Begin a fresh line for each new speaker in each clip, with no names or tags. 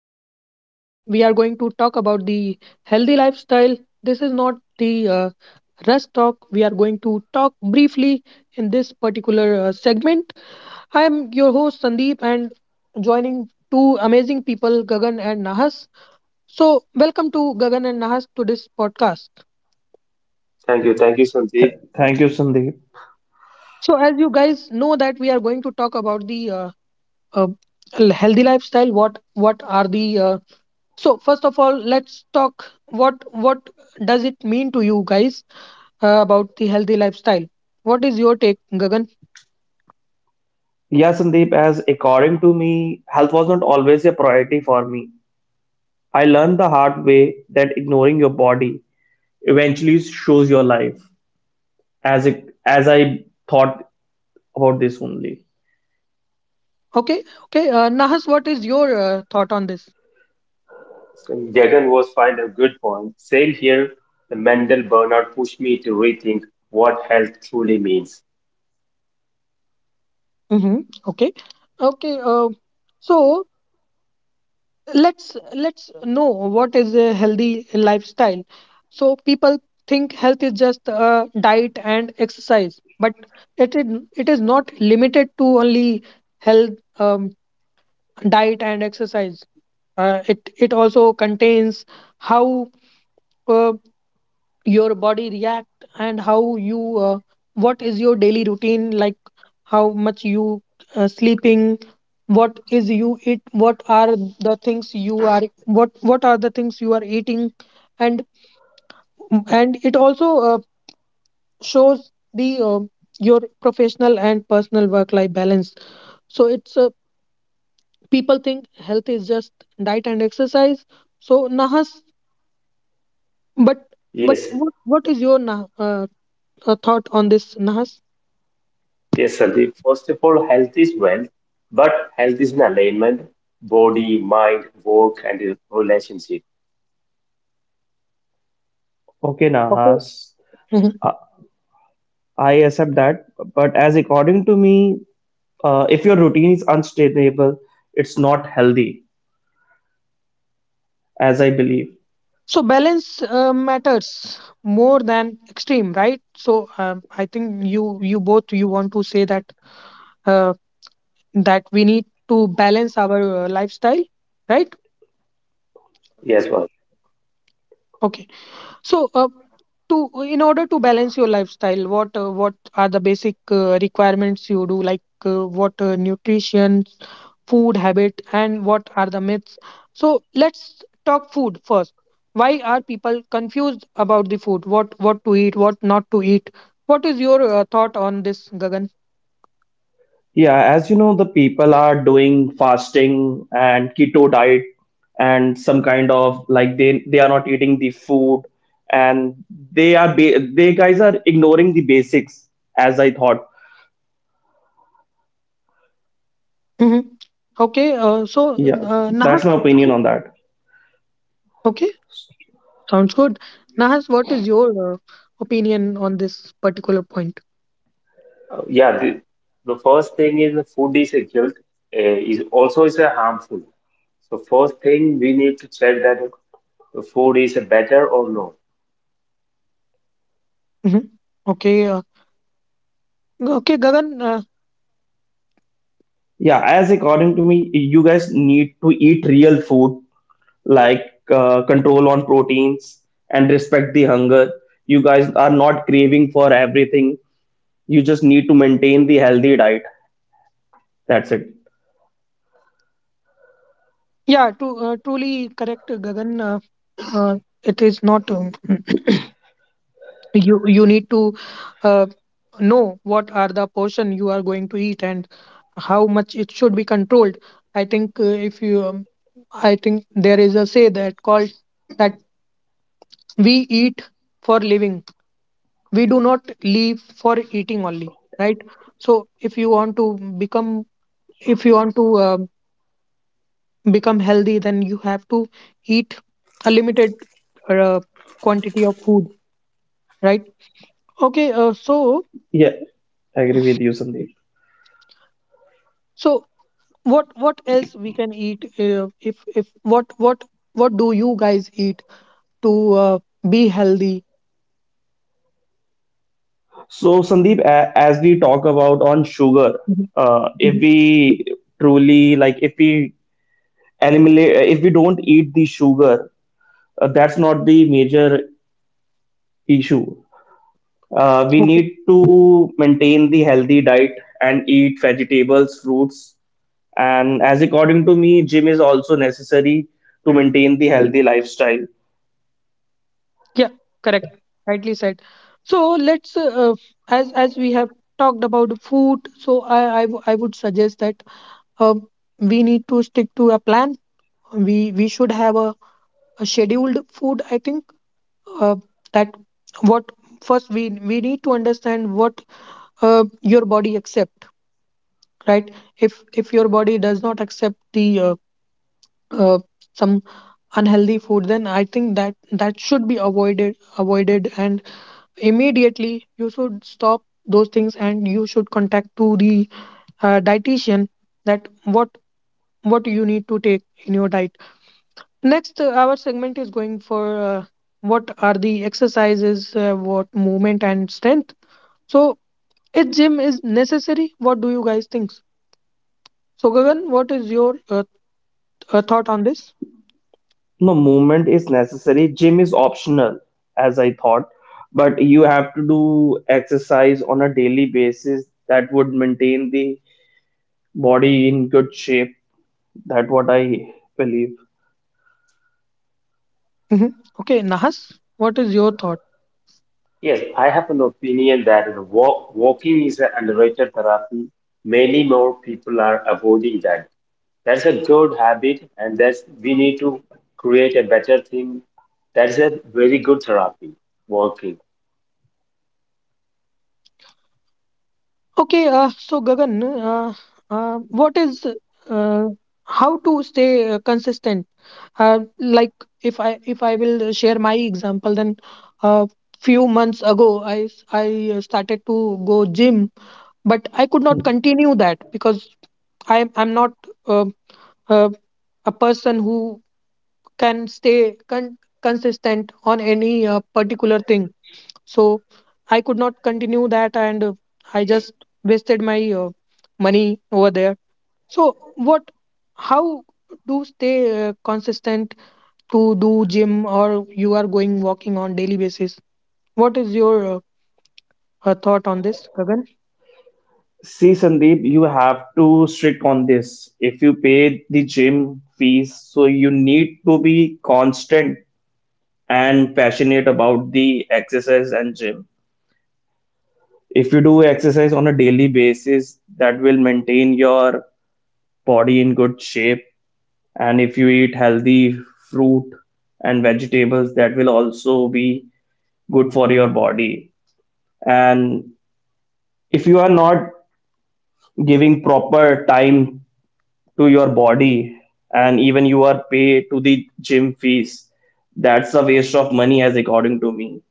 podcast. We are going to talk about the healthy lifestyle. This is not the rush talk. We are going to talk briefly in this particular segment. I am your host, Sandeep, and joining two amazing people, Gagan and Nahas. So, welcome to Gagan and Nahas to this podcast.
Thank you,
Th-
Sandeep.
thank you, Sandeep.
So, as you guys know, that we are going to talk about the uh, healthy lifestyle. What are the. So first of all, let's talk what does it mean to you guys about the healthy lifestyle? What is your take, Gagan?
Yeah, Sandeep, as according to me, health was not always a priority for me. I learned the hard way that ignoring your body eventually shows your life, as it, as I thought about this only.
Okay, okay. Nahas, what is your thought on this?
So, Gagan was find a good point. Same here. The mental burnout pushed me to rethink what health truly means.
Mm-hmm. Okay, okay. So let's know what is a healthy lifestyle. So people think health is just diet and exercise, but it is it is not limited to only health, um, diet and exercise, it also contains how, uh, your body react, and how you, what is your daily routine like, how much you sleeping, what is you eat, what are the things you are, what are the things you are eating, and and it also shows the your professional and personal work life balance. So it's people think health is just diet and exercise. So Nahas, But but
Yes,
what is your thought on this, Nahas?
yes, Sandeep. First of all, health is wealth, but health is an alignment: body, mind, work, and relationship.
Okay,
Okay.
Nahas,
Mhm.
I I accept that. But as according to me, if your routine is unsustainable, it's not healthy, as I believe.
So balance matters more than extreme, right? So I think you you both you want to say that uh, that we need to balance our lifestyle, right?
Yes, well,
Okay. So, to in order to balance your lifestyle, what are the basic requirements you do? Like, what nutrition, food habit, and what are the myths? So let's talk food first. Why are people confused about the food? What to eat? What not to eat? What is your thought on this, Gagan?
Yeah, as you know, the people are doing fasting and keto diet and some kind of like they are not eating the food and they guys are ignoring the basics as I thought.
Hmm. Okay.
Yeah,
Nahas,
that's my opinion on that.
okay, sounds good. Nahas, what is your opinion on this particular point?
yeah. The first thing is the food is a guilt. Is also is a harmful. So first thing we need to check that the food is better or no.
Hmm. Okay, okay, Gagan.
Yeah, as according to me, you guys need to eat real food like control on proteins and respect the hunger. You guys are not craving for everything. You just need to maintain the healthy diet. That's it.
Yeah, to truly correct, Gagan. Uh, it is not you. You need to uh, know what are the portion you are going to eat and how much it should be controlled. I think if you, I think there is a say that called that we eat for living. We do not live for eating only, right? So if you want to become, if you want to become healthy, then you have to eat a limited uh, quantity of food, right? Okay. uh, so
Yeah, I agree with you, Sandeep.
so what else we can eat if what do you guys eat to be healthy?
So, Sandeep, as we talk about on sugar,
Mhm,
if
mhm.
we truly like, if we eliminate, if we don't eat the sugar, that's not the major issue. We
Okay,
need to maintain the healthy diet and eat vegetables, fruits, and as according to me, gym is also necessary to maintain the healthy lifestyle.
yeah, correct, rightly said. So let's as we have talked about food, so I would suggest that um, we need to stick to a plan. We should have a scheduled food, I think, uh, that what first we need to understand what your body accept, right? If your body does not accept the uh, some unhealthy food, then I think that that should be avoided, avoided, and immediately you should stop those things and you should contact to the dietitian, that what what you need to take in your diet. Next our segment is going for uh, what are the exercises, what movement and strength. So if gym is necessary, what do you guys think? So, Gagan, what is your thought on this?
No, movement is necessary. Gym is optional, as I thought, but you have to do exercise on a daily basis that would maintain the body in good shape. That what I believe.
Hmm. Okay, Nahas, what is your thought?
Yes, I have an opinion that the walking is an underrated therapy. Many more people are avoiding that. That's a good habit, and that's we need to create a better thing. That's a very good therapy, walking.
Okay, so Gagan, uh, what is, uh, how to stay consistent? Like, if, I if I will share my example, then uh, few months ago I started to go gym, but I could not continue that because I, I'm not uh, uh, a person who can stay consistent on any particular thing. So I could not continue that, and I just wasted my money over there. So what, how do stay consistent, to do gym or you are going walking on daily basis? What is your thought on this, Gagan?
See, Sandeep, you have to strict on this. If you pay the gym fees, so you need to be constant and passionate about the exercise and gym. If you do exercise on a daily basis, that will maintain your body in good shape, and if you eat healthy fruit and vegetables that will also be good for your body, and if you are not giving proper time to your body and even you are paid to the gym fees, that's a waste of money as according to me.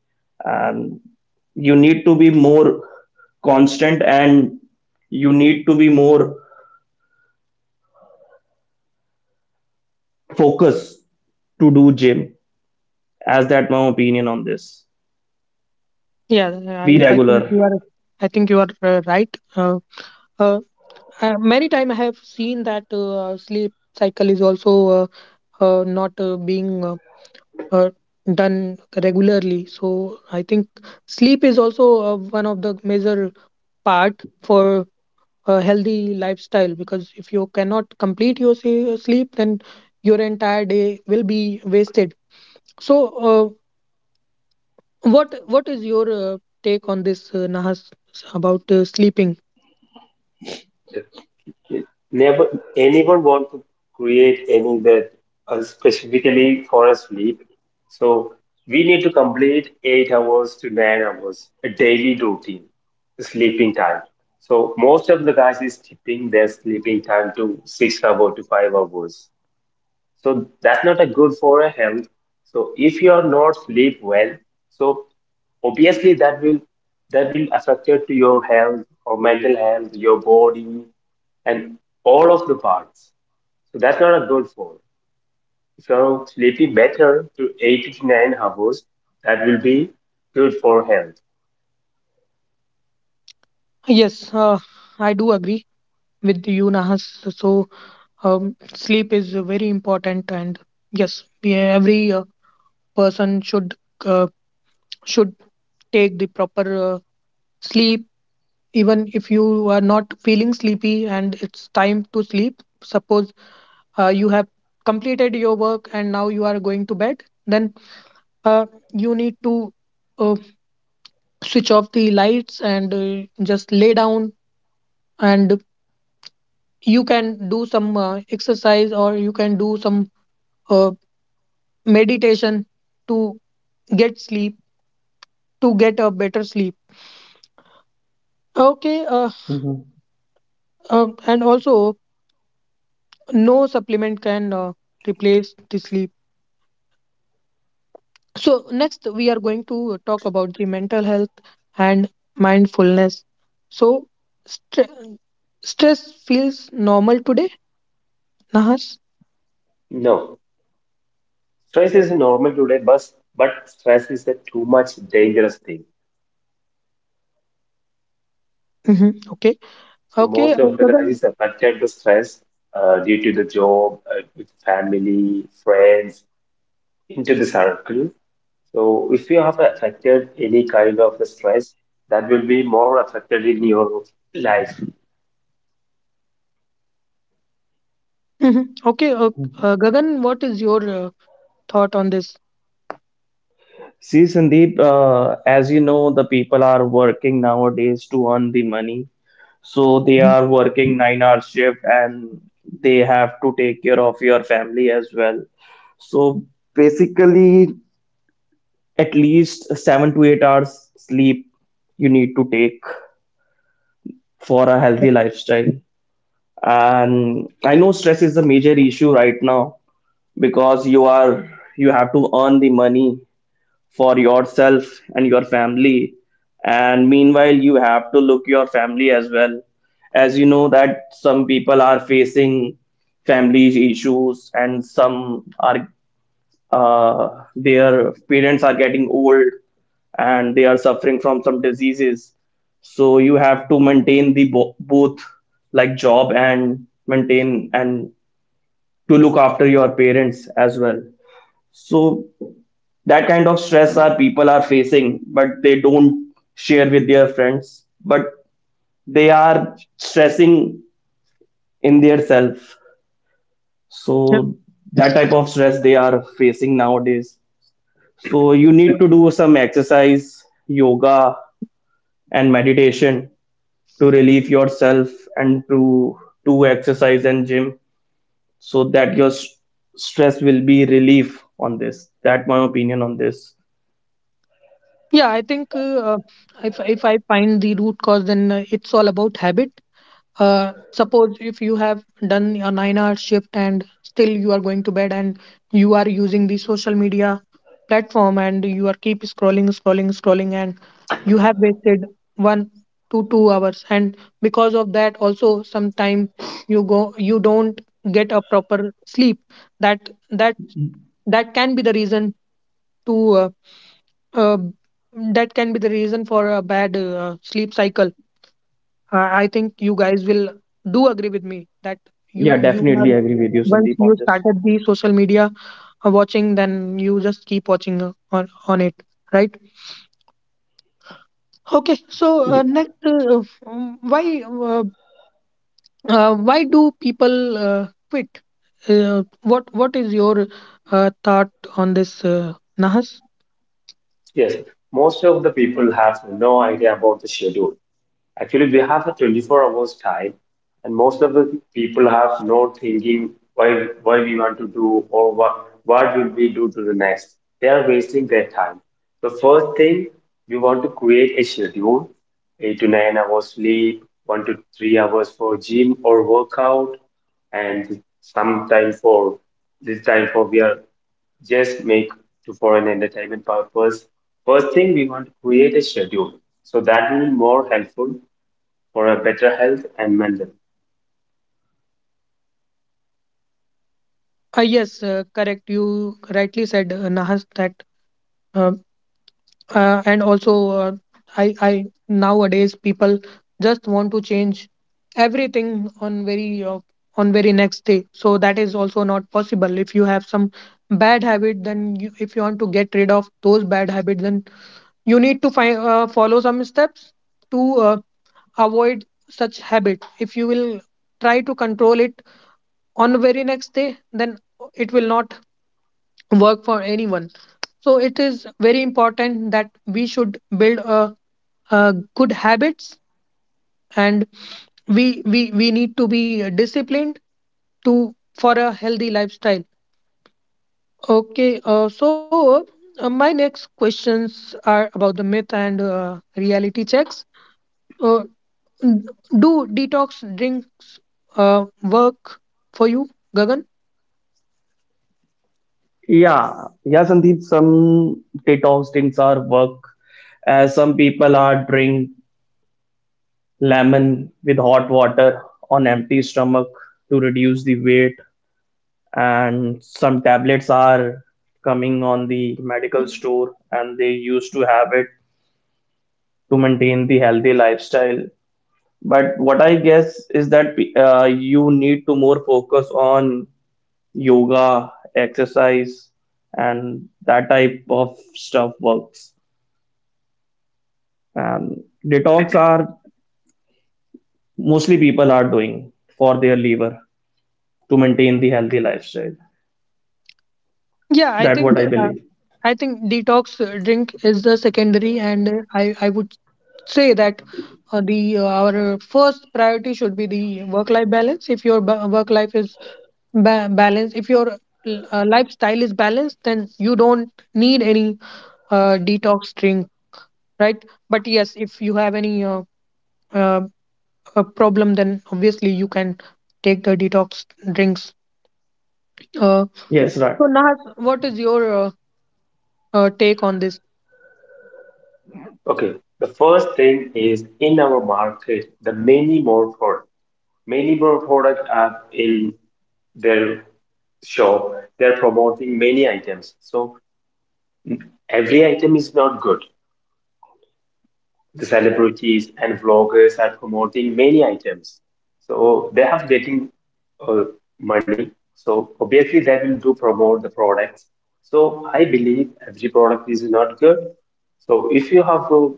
And you need to be more constant and you need to be more focused to do gym, as that my opinion on this.
Yeah,
Be
I think
regular.
you are, I think you are right. uh, uh, Many time I have seen that sleep cycle is also not being uh, done regularly. So I think sleep is also one of the major part for a healthy lifestyle, because if you cannot complete your sleep, then your entire day will be wasted. So what is your take on this, Nahas, about sleeping?
Never anyone want to create any bed specifically for a sleep. So we need to complete 8 hours to 9 hours a daily routine sleeping time. So most of the guys is tipping their sleeping time to 6 hours to 5 hours, so that's not a good for a health. So if you are not sleep well, so obviously that will affect it to your health or mental health, your body, and all of the parts. So that's not a good for if you're sleeping better to 8 to 9 hours, that will be good for health.
Yes, I do agree with you, Nahas. So sleep is very important, and yes, we every person should, uh, should take the proper sleep, even if you are not feeling sleepy and it's time to sleep. Suppose you have completed your work and now you are going to bed, then uh, you need to uh, switch off the lights and just lay down, and you can do some exercise or you can do some uh, meditation to get sleep, to get a better sleep. Okay.
Mhm.
And also, no supplement can replace the sleep. So next we are going to talk about the mental health and mindfulness. So stre- stress feels normal today, Nahas.
No, stress is normal today, but stress is a too much dangerous thing.
Hmm, okay.
So
Okay,
most of the
Gagan.
guys is affected the stress due to the job, with family, friends, into the circle. So if you have affected any kind of the stress, that will be more affected in your life.
Mhm. Okay, Gagan, what is your thought on this?
See, Sandeep, as you know, the people are working nowadays to earn the money. So they
Mhm.
are working 9 hour shift and they have to take care of your family as well. So basically, at least 7 to 8 hours sleep you need to take for a healthy lifestyle. And I know stress is a major issue right now because you have to earn the money for yourself and your family, and meanwhile you have to look your family as well. As you know that some people are facing family issues and some are uh, their parents are getting old and they are suffering from some diseases, so you have to maintain the both, like job and maintain, and to look after your parents as well. So that kind of stress our people are facing but they don't share with their friends, but they are stressing in their self.
Yeah,
So that type of stress they are facing nowadays. So you need to do some exercise, yoga, and meditation to relieve yourself and to do exercise and gym, so that your stress will be relief on this. That my opinion on this.
yeah, I think, if I find the root cause, then it's all about habit. Suppose if you have done a 9 hour shift and still you are going to bed and you are using the social media platform, and you are keep scrolling scrolling scrolling, and you have wasted 1 to 2 hours, and because of that also sometime you go, you don't get a proper sleep. That, that, that can be the reason to uh, that can be the reason for a bad sleep cycle. I think you guys will do agree with me that you
Yeah,
you are,
give you some.
once you started the social media watching, then you just keep watching on it, right? Okay, so why do people quit? What is your thought on this, Nahas?
Yes, most of the people have no idea about the schedule. Actually, we have a 24 hours time, and most of the people have no thinking why we want to do or what will we do to the next. They are wasting their time. So first thing, we want to create a schedule, 8 to 9 hours sleep, 1 to 3 hours for gym or workout, and some time for this time for we are just make to for an entertainment purpose. First thing, we want to create a schedule. So that will be more helpful for a better health and mental.
Yes, correct. You rightly said, Nahas, that. uh, and also, I nowadays people just want to change everything on very next day. So that is also not possible. If you have some bad habit, then you, if you want to get rid of those bad habits, then you need to find, follow some steps to avoid such habit. If you will try to control it on the very next day, then it will not work for anyone. So it is very important that we should build a good habits, and we need to be disciplined to for a healthy lifestyle. Okay, so my next questions are about the myth and reality checks. uh, n- do detox drinks work for you, Gagan?
Yeah, yeah, Sandeep. Some detox drinks are work, as some people are drink lemon with hot water on empty stomach to reduce the weight, and some tablets are coming on the medical store, and they used to have it to maintain the healthy lifestyle. But what I guess is that you need to more focus on yoga, exercise, and that type of stuff works. And detox are mostly people are doing for their liver to maintain the healthy lifestyle.
Yeah, I
That what
think
I believe.
I think detox drink is the secondary, and I would say that the our first priority should be the work life balance. If your work life is balanced, if your lifestyle is balanced, then you don't need any detox drink, right? But yes, if you have any uh, a problem, then obviously you can take the detox drinks. uh,
Yes, right.
so Nahas, what is your take on this?
Okay, the first thing is in our market, the many more product are in their shop. They're promoting many items. So every item is not good. The celebrities and vloggers are promoting many items. So they have getting uh, money. So obviously they will do promote the products. So I believe every product is not good. So if you have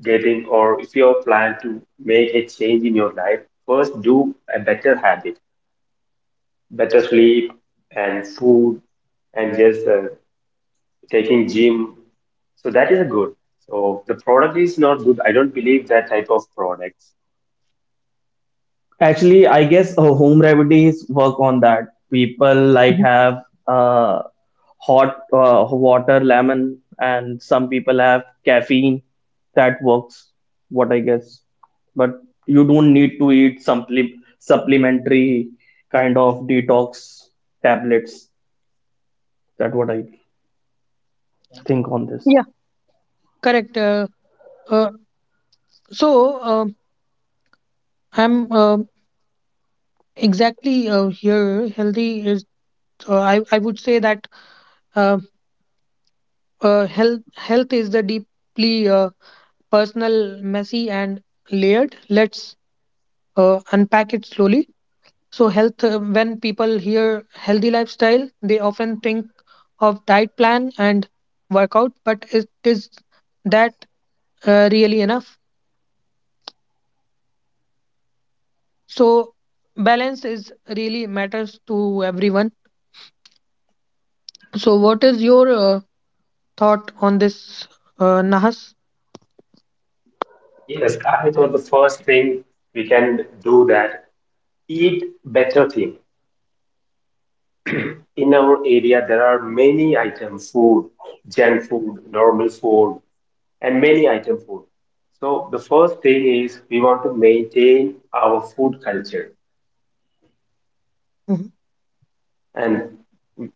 dating or if you plan to make a change in your life, first do a better habit, better sleep and food, and just taking gym. So that is good. So the product is not good. I don't believe that type of products.
Actually, I guess home remedies work on that. People like
Mhm.
have uh, hot water, lemon, and some people have caffeine. That works, what I guess, but you don't need to eat supplementary kind of detox tablets. That what I think on this.
Yeah, correct. Uh, so um I'm exactly, here healthy is, I would say that uh, health, health is the deeply personal, messy, and layered. Let's unpack it slowly. So, health. When people hear healthy lifestyle, they often think of diet plan and workout, but it is that, really enough? So, balance is really matters to everyone. So, what is your thought on this, Nahas?
Yes, I thought the first thing we can do that eat better thing. In our area, there are many items, food, junk food, normal food, and many item food. So the first thing is we want to maintain our food culture,
Mhm.
and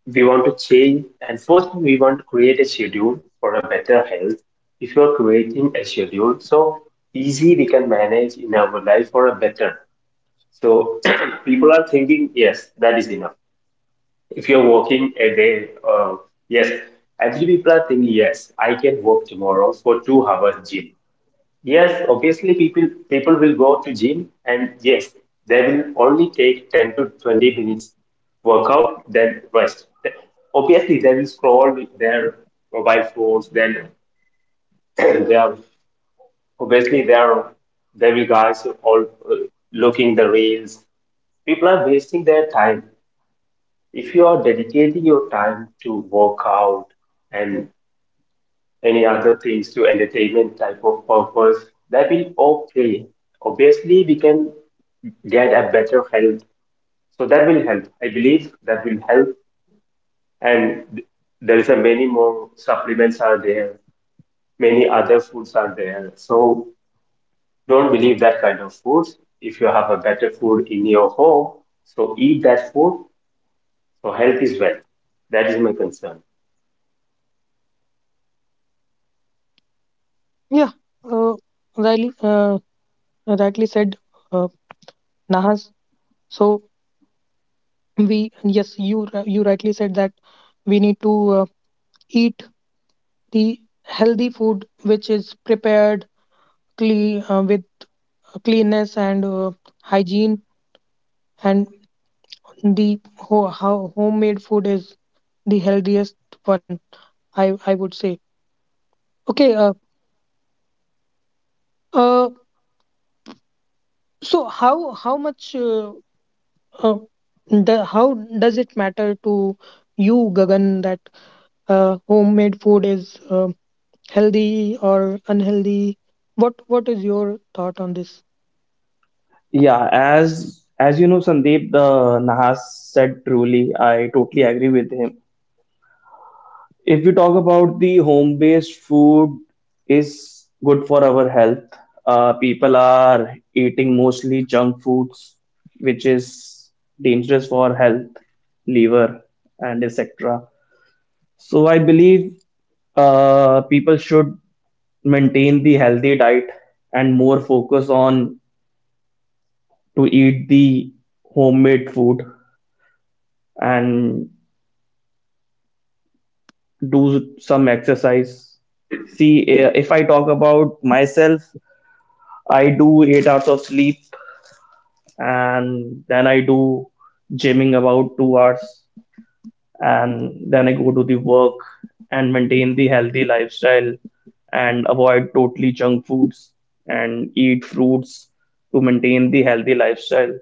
we want to change, and first we want to create a schedule for a better health. If you're creating a schedule, so easy we can manage in our life for a better. So people are thinking, yes, that is enough. If you're working a day, yes, actually people are thinking, yes, I can work tomorrow for 2 hours gym. Yes, obviously people will go to gym, and yes, they will only take 10 to 20 minutes workout, then rest. Obviously they will scroll with their mobile phones, then they are obviously they are they will guys all looking the reels. People are wasting their time. If you are dedicating your time to workout and any other things to entertainment type of purpose, that will okay. Obviously, we can get a better health. So that will help. I believe that will help. And there is a many more supplements are there. Many other foods are there. So don't believe that kind of foods. If you have a better food in your home, so eat that food. So health is wealth. That is my concern.
Yeah. Uh, Riley, rightly said, uh, Nahas. So we, yes, you you rightly said that we need to eat the healthy food which is prepared clean with cleanness and hygiene, and the how homemade food is the healthiest one, I would say. Okay. Uh, so how much uh, the, how does it matter to you, Gagan, that homemade food is healthy or unhealthy? What is your thought on this?
Yeah, as you know, Sandeep, the Nahas said truly. I totally agree with him. If we talk about the home-based food is good for our health. People are eating mostly junk foods, which is dangerous for health, liver, and etc. So I believe people should maintain the healthy diet and more focus on to eat the homemade food and do some exercise. See, eh, if I talk about myself, I do 8 hours of sleep and then I do gymming about 2 hours and then I go to the work and maintain the healthy lifestyle and avoid totally junk foods and eat fruits to maintain the healthy lifestyle.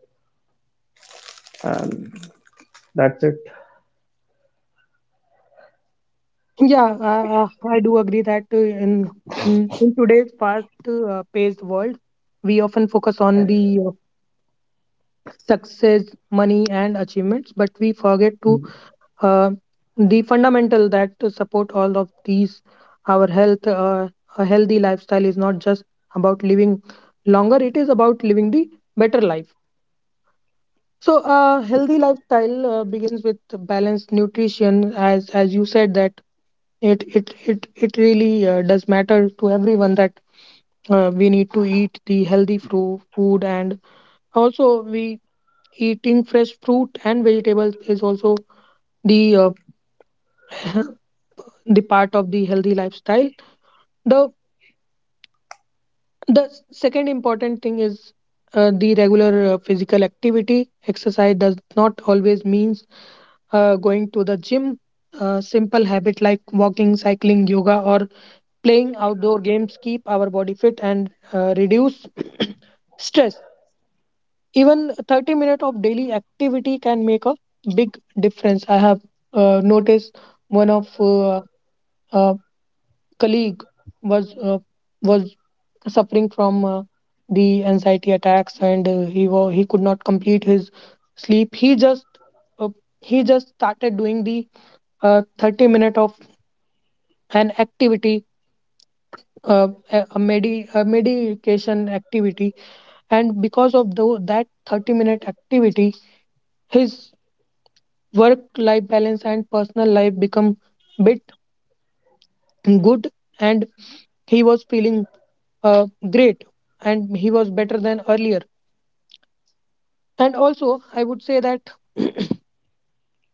And that's it.
Yeah, uh, uh, I do agree that in in today's fast-paced world, we often focus on the uh, success, money, and achievements, but we forget to uh, the fundamental that to support all of these. Our health, a healthy lifestyle is not just about living longer; it is about living the better life. So, healthy lifestyle begins with balanced nutrition, as you said that it really does matter to everyone that we need to eat the food, and also we eating fresh fruit and vegetables is also the uh, the part of the healthy lifestyle. The the second important thing is the regular physical activity. Exercise does not always mean going to the gym. A simple habit like walking, cycling, yoga, or playing outdoor games keep our body fit and reduce stress. Even 30 minutes of daily activity can make a big difference. I have noticed one of uh, colleague was uh, was suffering from the anxiety attacks, and he could not complete his sleep. He just uh, started doing the 30 minute of an activity, a medication activity, and because of that 30-minute activity his work life balance and personal life become bit good, and he was feeling uh, great, and he was better than earlier. And also I would say that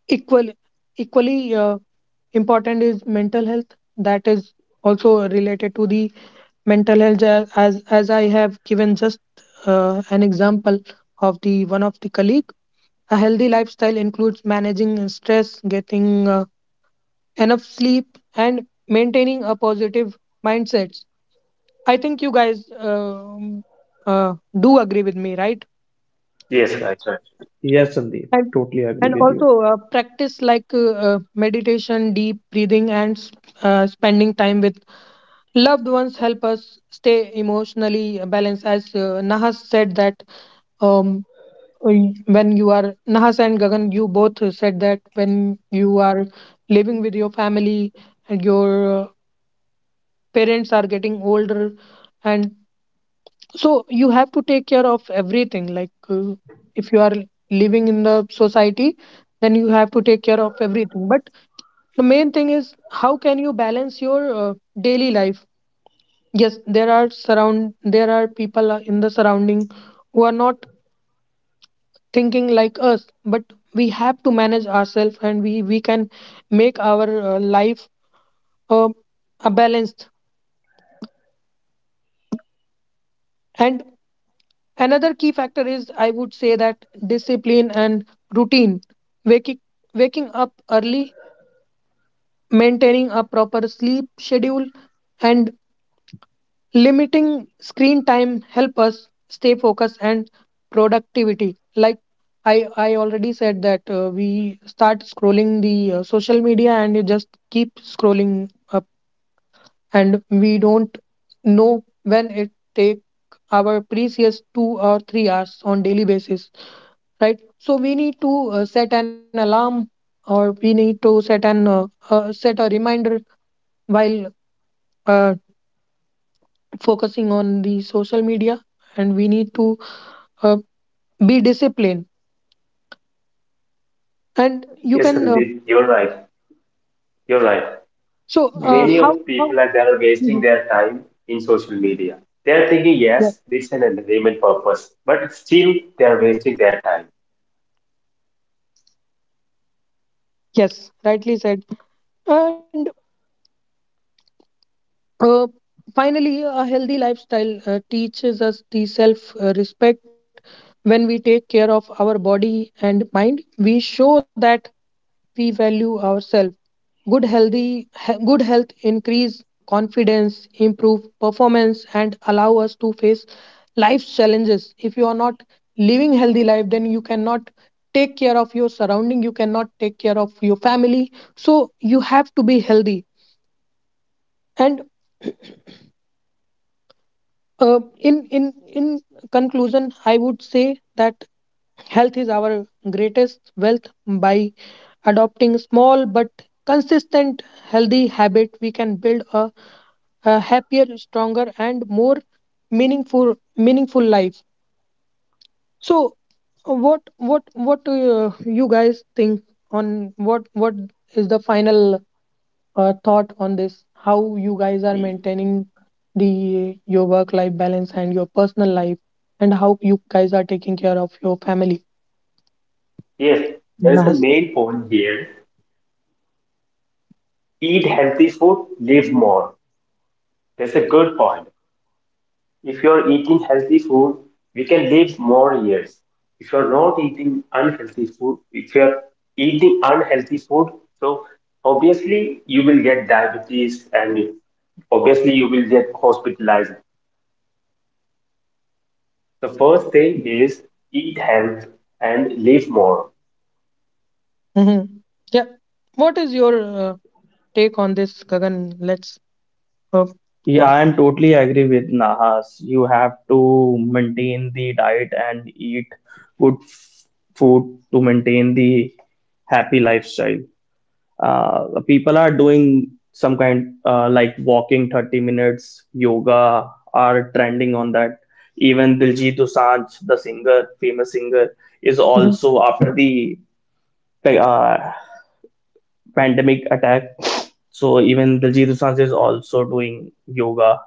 equal equally important is mental health. That is also related to the mental health, as as I have given just an example of the one of the colleague. A healthy lifestyle includes managing stress, getting uh, enough sleep, and maintaining a positive mindset. I think you guys um, uh, do agree with me, right?
Yes, right, right.
Yes, Sandeep,
And
totally agree with you.
also practice like meditation, deep breathing, and spending time with loved ones help us stay emotionally balanced. As Nahas said that, um, when you are Nahas and Gagan, you both said that when you are living with your family and your parents are getting older, and so you have to take care of everything. Like, if you are living in the society, then you have to take care of everything. But the main thing is, how can you balance your daily life? Yes, there are surround there are people in the surrounding who are not thinking like us, but we have to manage ourselves and we can make our life uh, a balanced. And another key factor is, I would say, that discipline and routine. Waking waking up early, maintaining a proper sleep schedule, and limiting screen time help us stay focused and productivity. Like, I already said that, we start scrolling the social media and you just keep scrolling up, and we don't know when it take our precious 2 or 3 hours on daily basis, right? So we need to set an alarm or we need to set an set a reminder while uh, focusing on the social media, and we need to uh, be disciplined, and you
Yes,
can
Sandeep, you're right. You're right.
Mhm.
Many
how
of people are they are wasting
Mhm.
their time in social media. They are thinking,
Yeah.
yes, this is an entertainment purpose, but still they are wasting their time.
Yes, rightly said. And uh, finally, a healthy lifestyle teaches us the self respect. When we take care of our body and mind, we show that we value ourselves. Good health increase confidence, improve performance, and allow us to face life's challenges. If you are not living healthy life, then you cannot take care of your surrounding, you cannot take care of your family. So you have to be healthy. And in conclusion, I would say that health is our greatest wealth. By adopting small but consistent healthy habit, we can build a happier, stronger, and more meaningful life. So, what you guys think on? What is the final thought on this? How you guys are maintaining the your work life balance and your personal life, and how you guys are taking care of your family?
Yes, there is a main point here. Eat healthy food, live more. That's a good point. If you're eating healthy food, we can live more years. If you're not eating unhealthy food, if you're eating unhealthy food, so obviously you will get diabetes and obviously you will get hospitalized. The first thing is eat health and live more.
Hmm. Yeah. What is your take on this, Gagan? Let's. Uh,
Yeah, I'm totally agree with Nahas. You have to maintain the diet and eat good f- food to maintain the happy lifestyle. People are doing some kind like walking 30 minutes, yoga are trending on that. Even Diljit Dosanjh, the singer, famous singer, is
mhm.
also after the uh, pandemic attack. So even Diljit Dosanjh is also doing yoga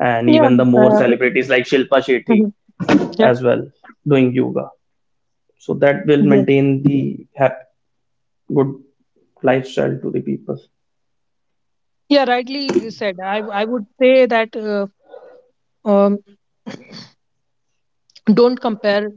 and
Yeah.
even the more
Uh,
celebrities like Shilpa Shetty
mhm. Yeah.
as well doing yoga. So that will
Yeah.
maintain the good lifestyle to the people.
Yeah. Rightly said. I would say that, um, don't compare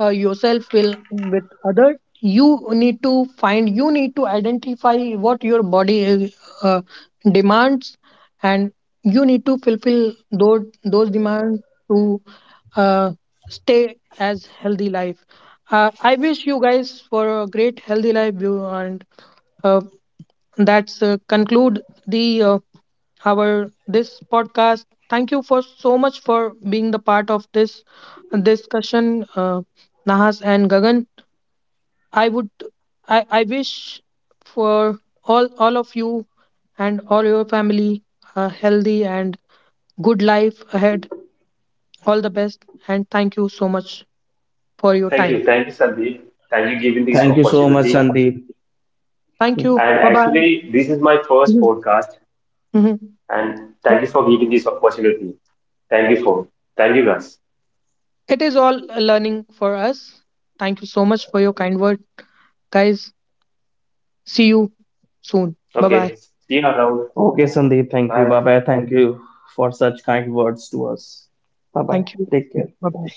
yourself will with others. You need to find, you need to identify what your body is, uh, demands, and you need to fulfill those demands to uh, stay as healthy life. I wish you guys for a great healthy life, you. And uh, that's conclude the our this podcast. Thank you for so much for being the part of this discussion, Nahas and Gagan. I would I wish for all of you and all your family a healthy and good life ahead. All the best, and thank you so much for your
Thank
time.
you. Thank you, Sandeep. Thank you giving this
Thank you so much,
opportunity.
Sandeep.
Thank you.
And
Bye bye.
actually, this is my first
Mhm.
podcast.
Mhm.
And
Yeah.
thank you for giving this opportunity. Thank you for. Thank you guys.
It is all a learning for us. Thank you so much for your kind word, guys. See you soon. Bye
Okay.
bye.
See you around.
Okay, Sandeep. Thank you. Bye
Bye.
bye. Thank you for such kind words to us. Bye bye.
Thank you.
Take care.
Bye bye.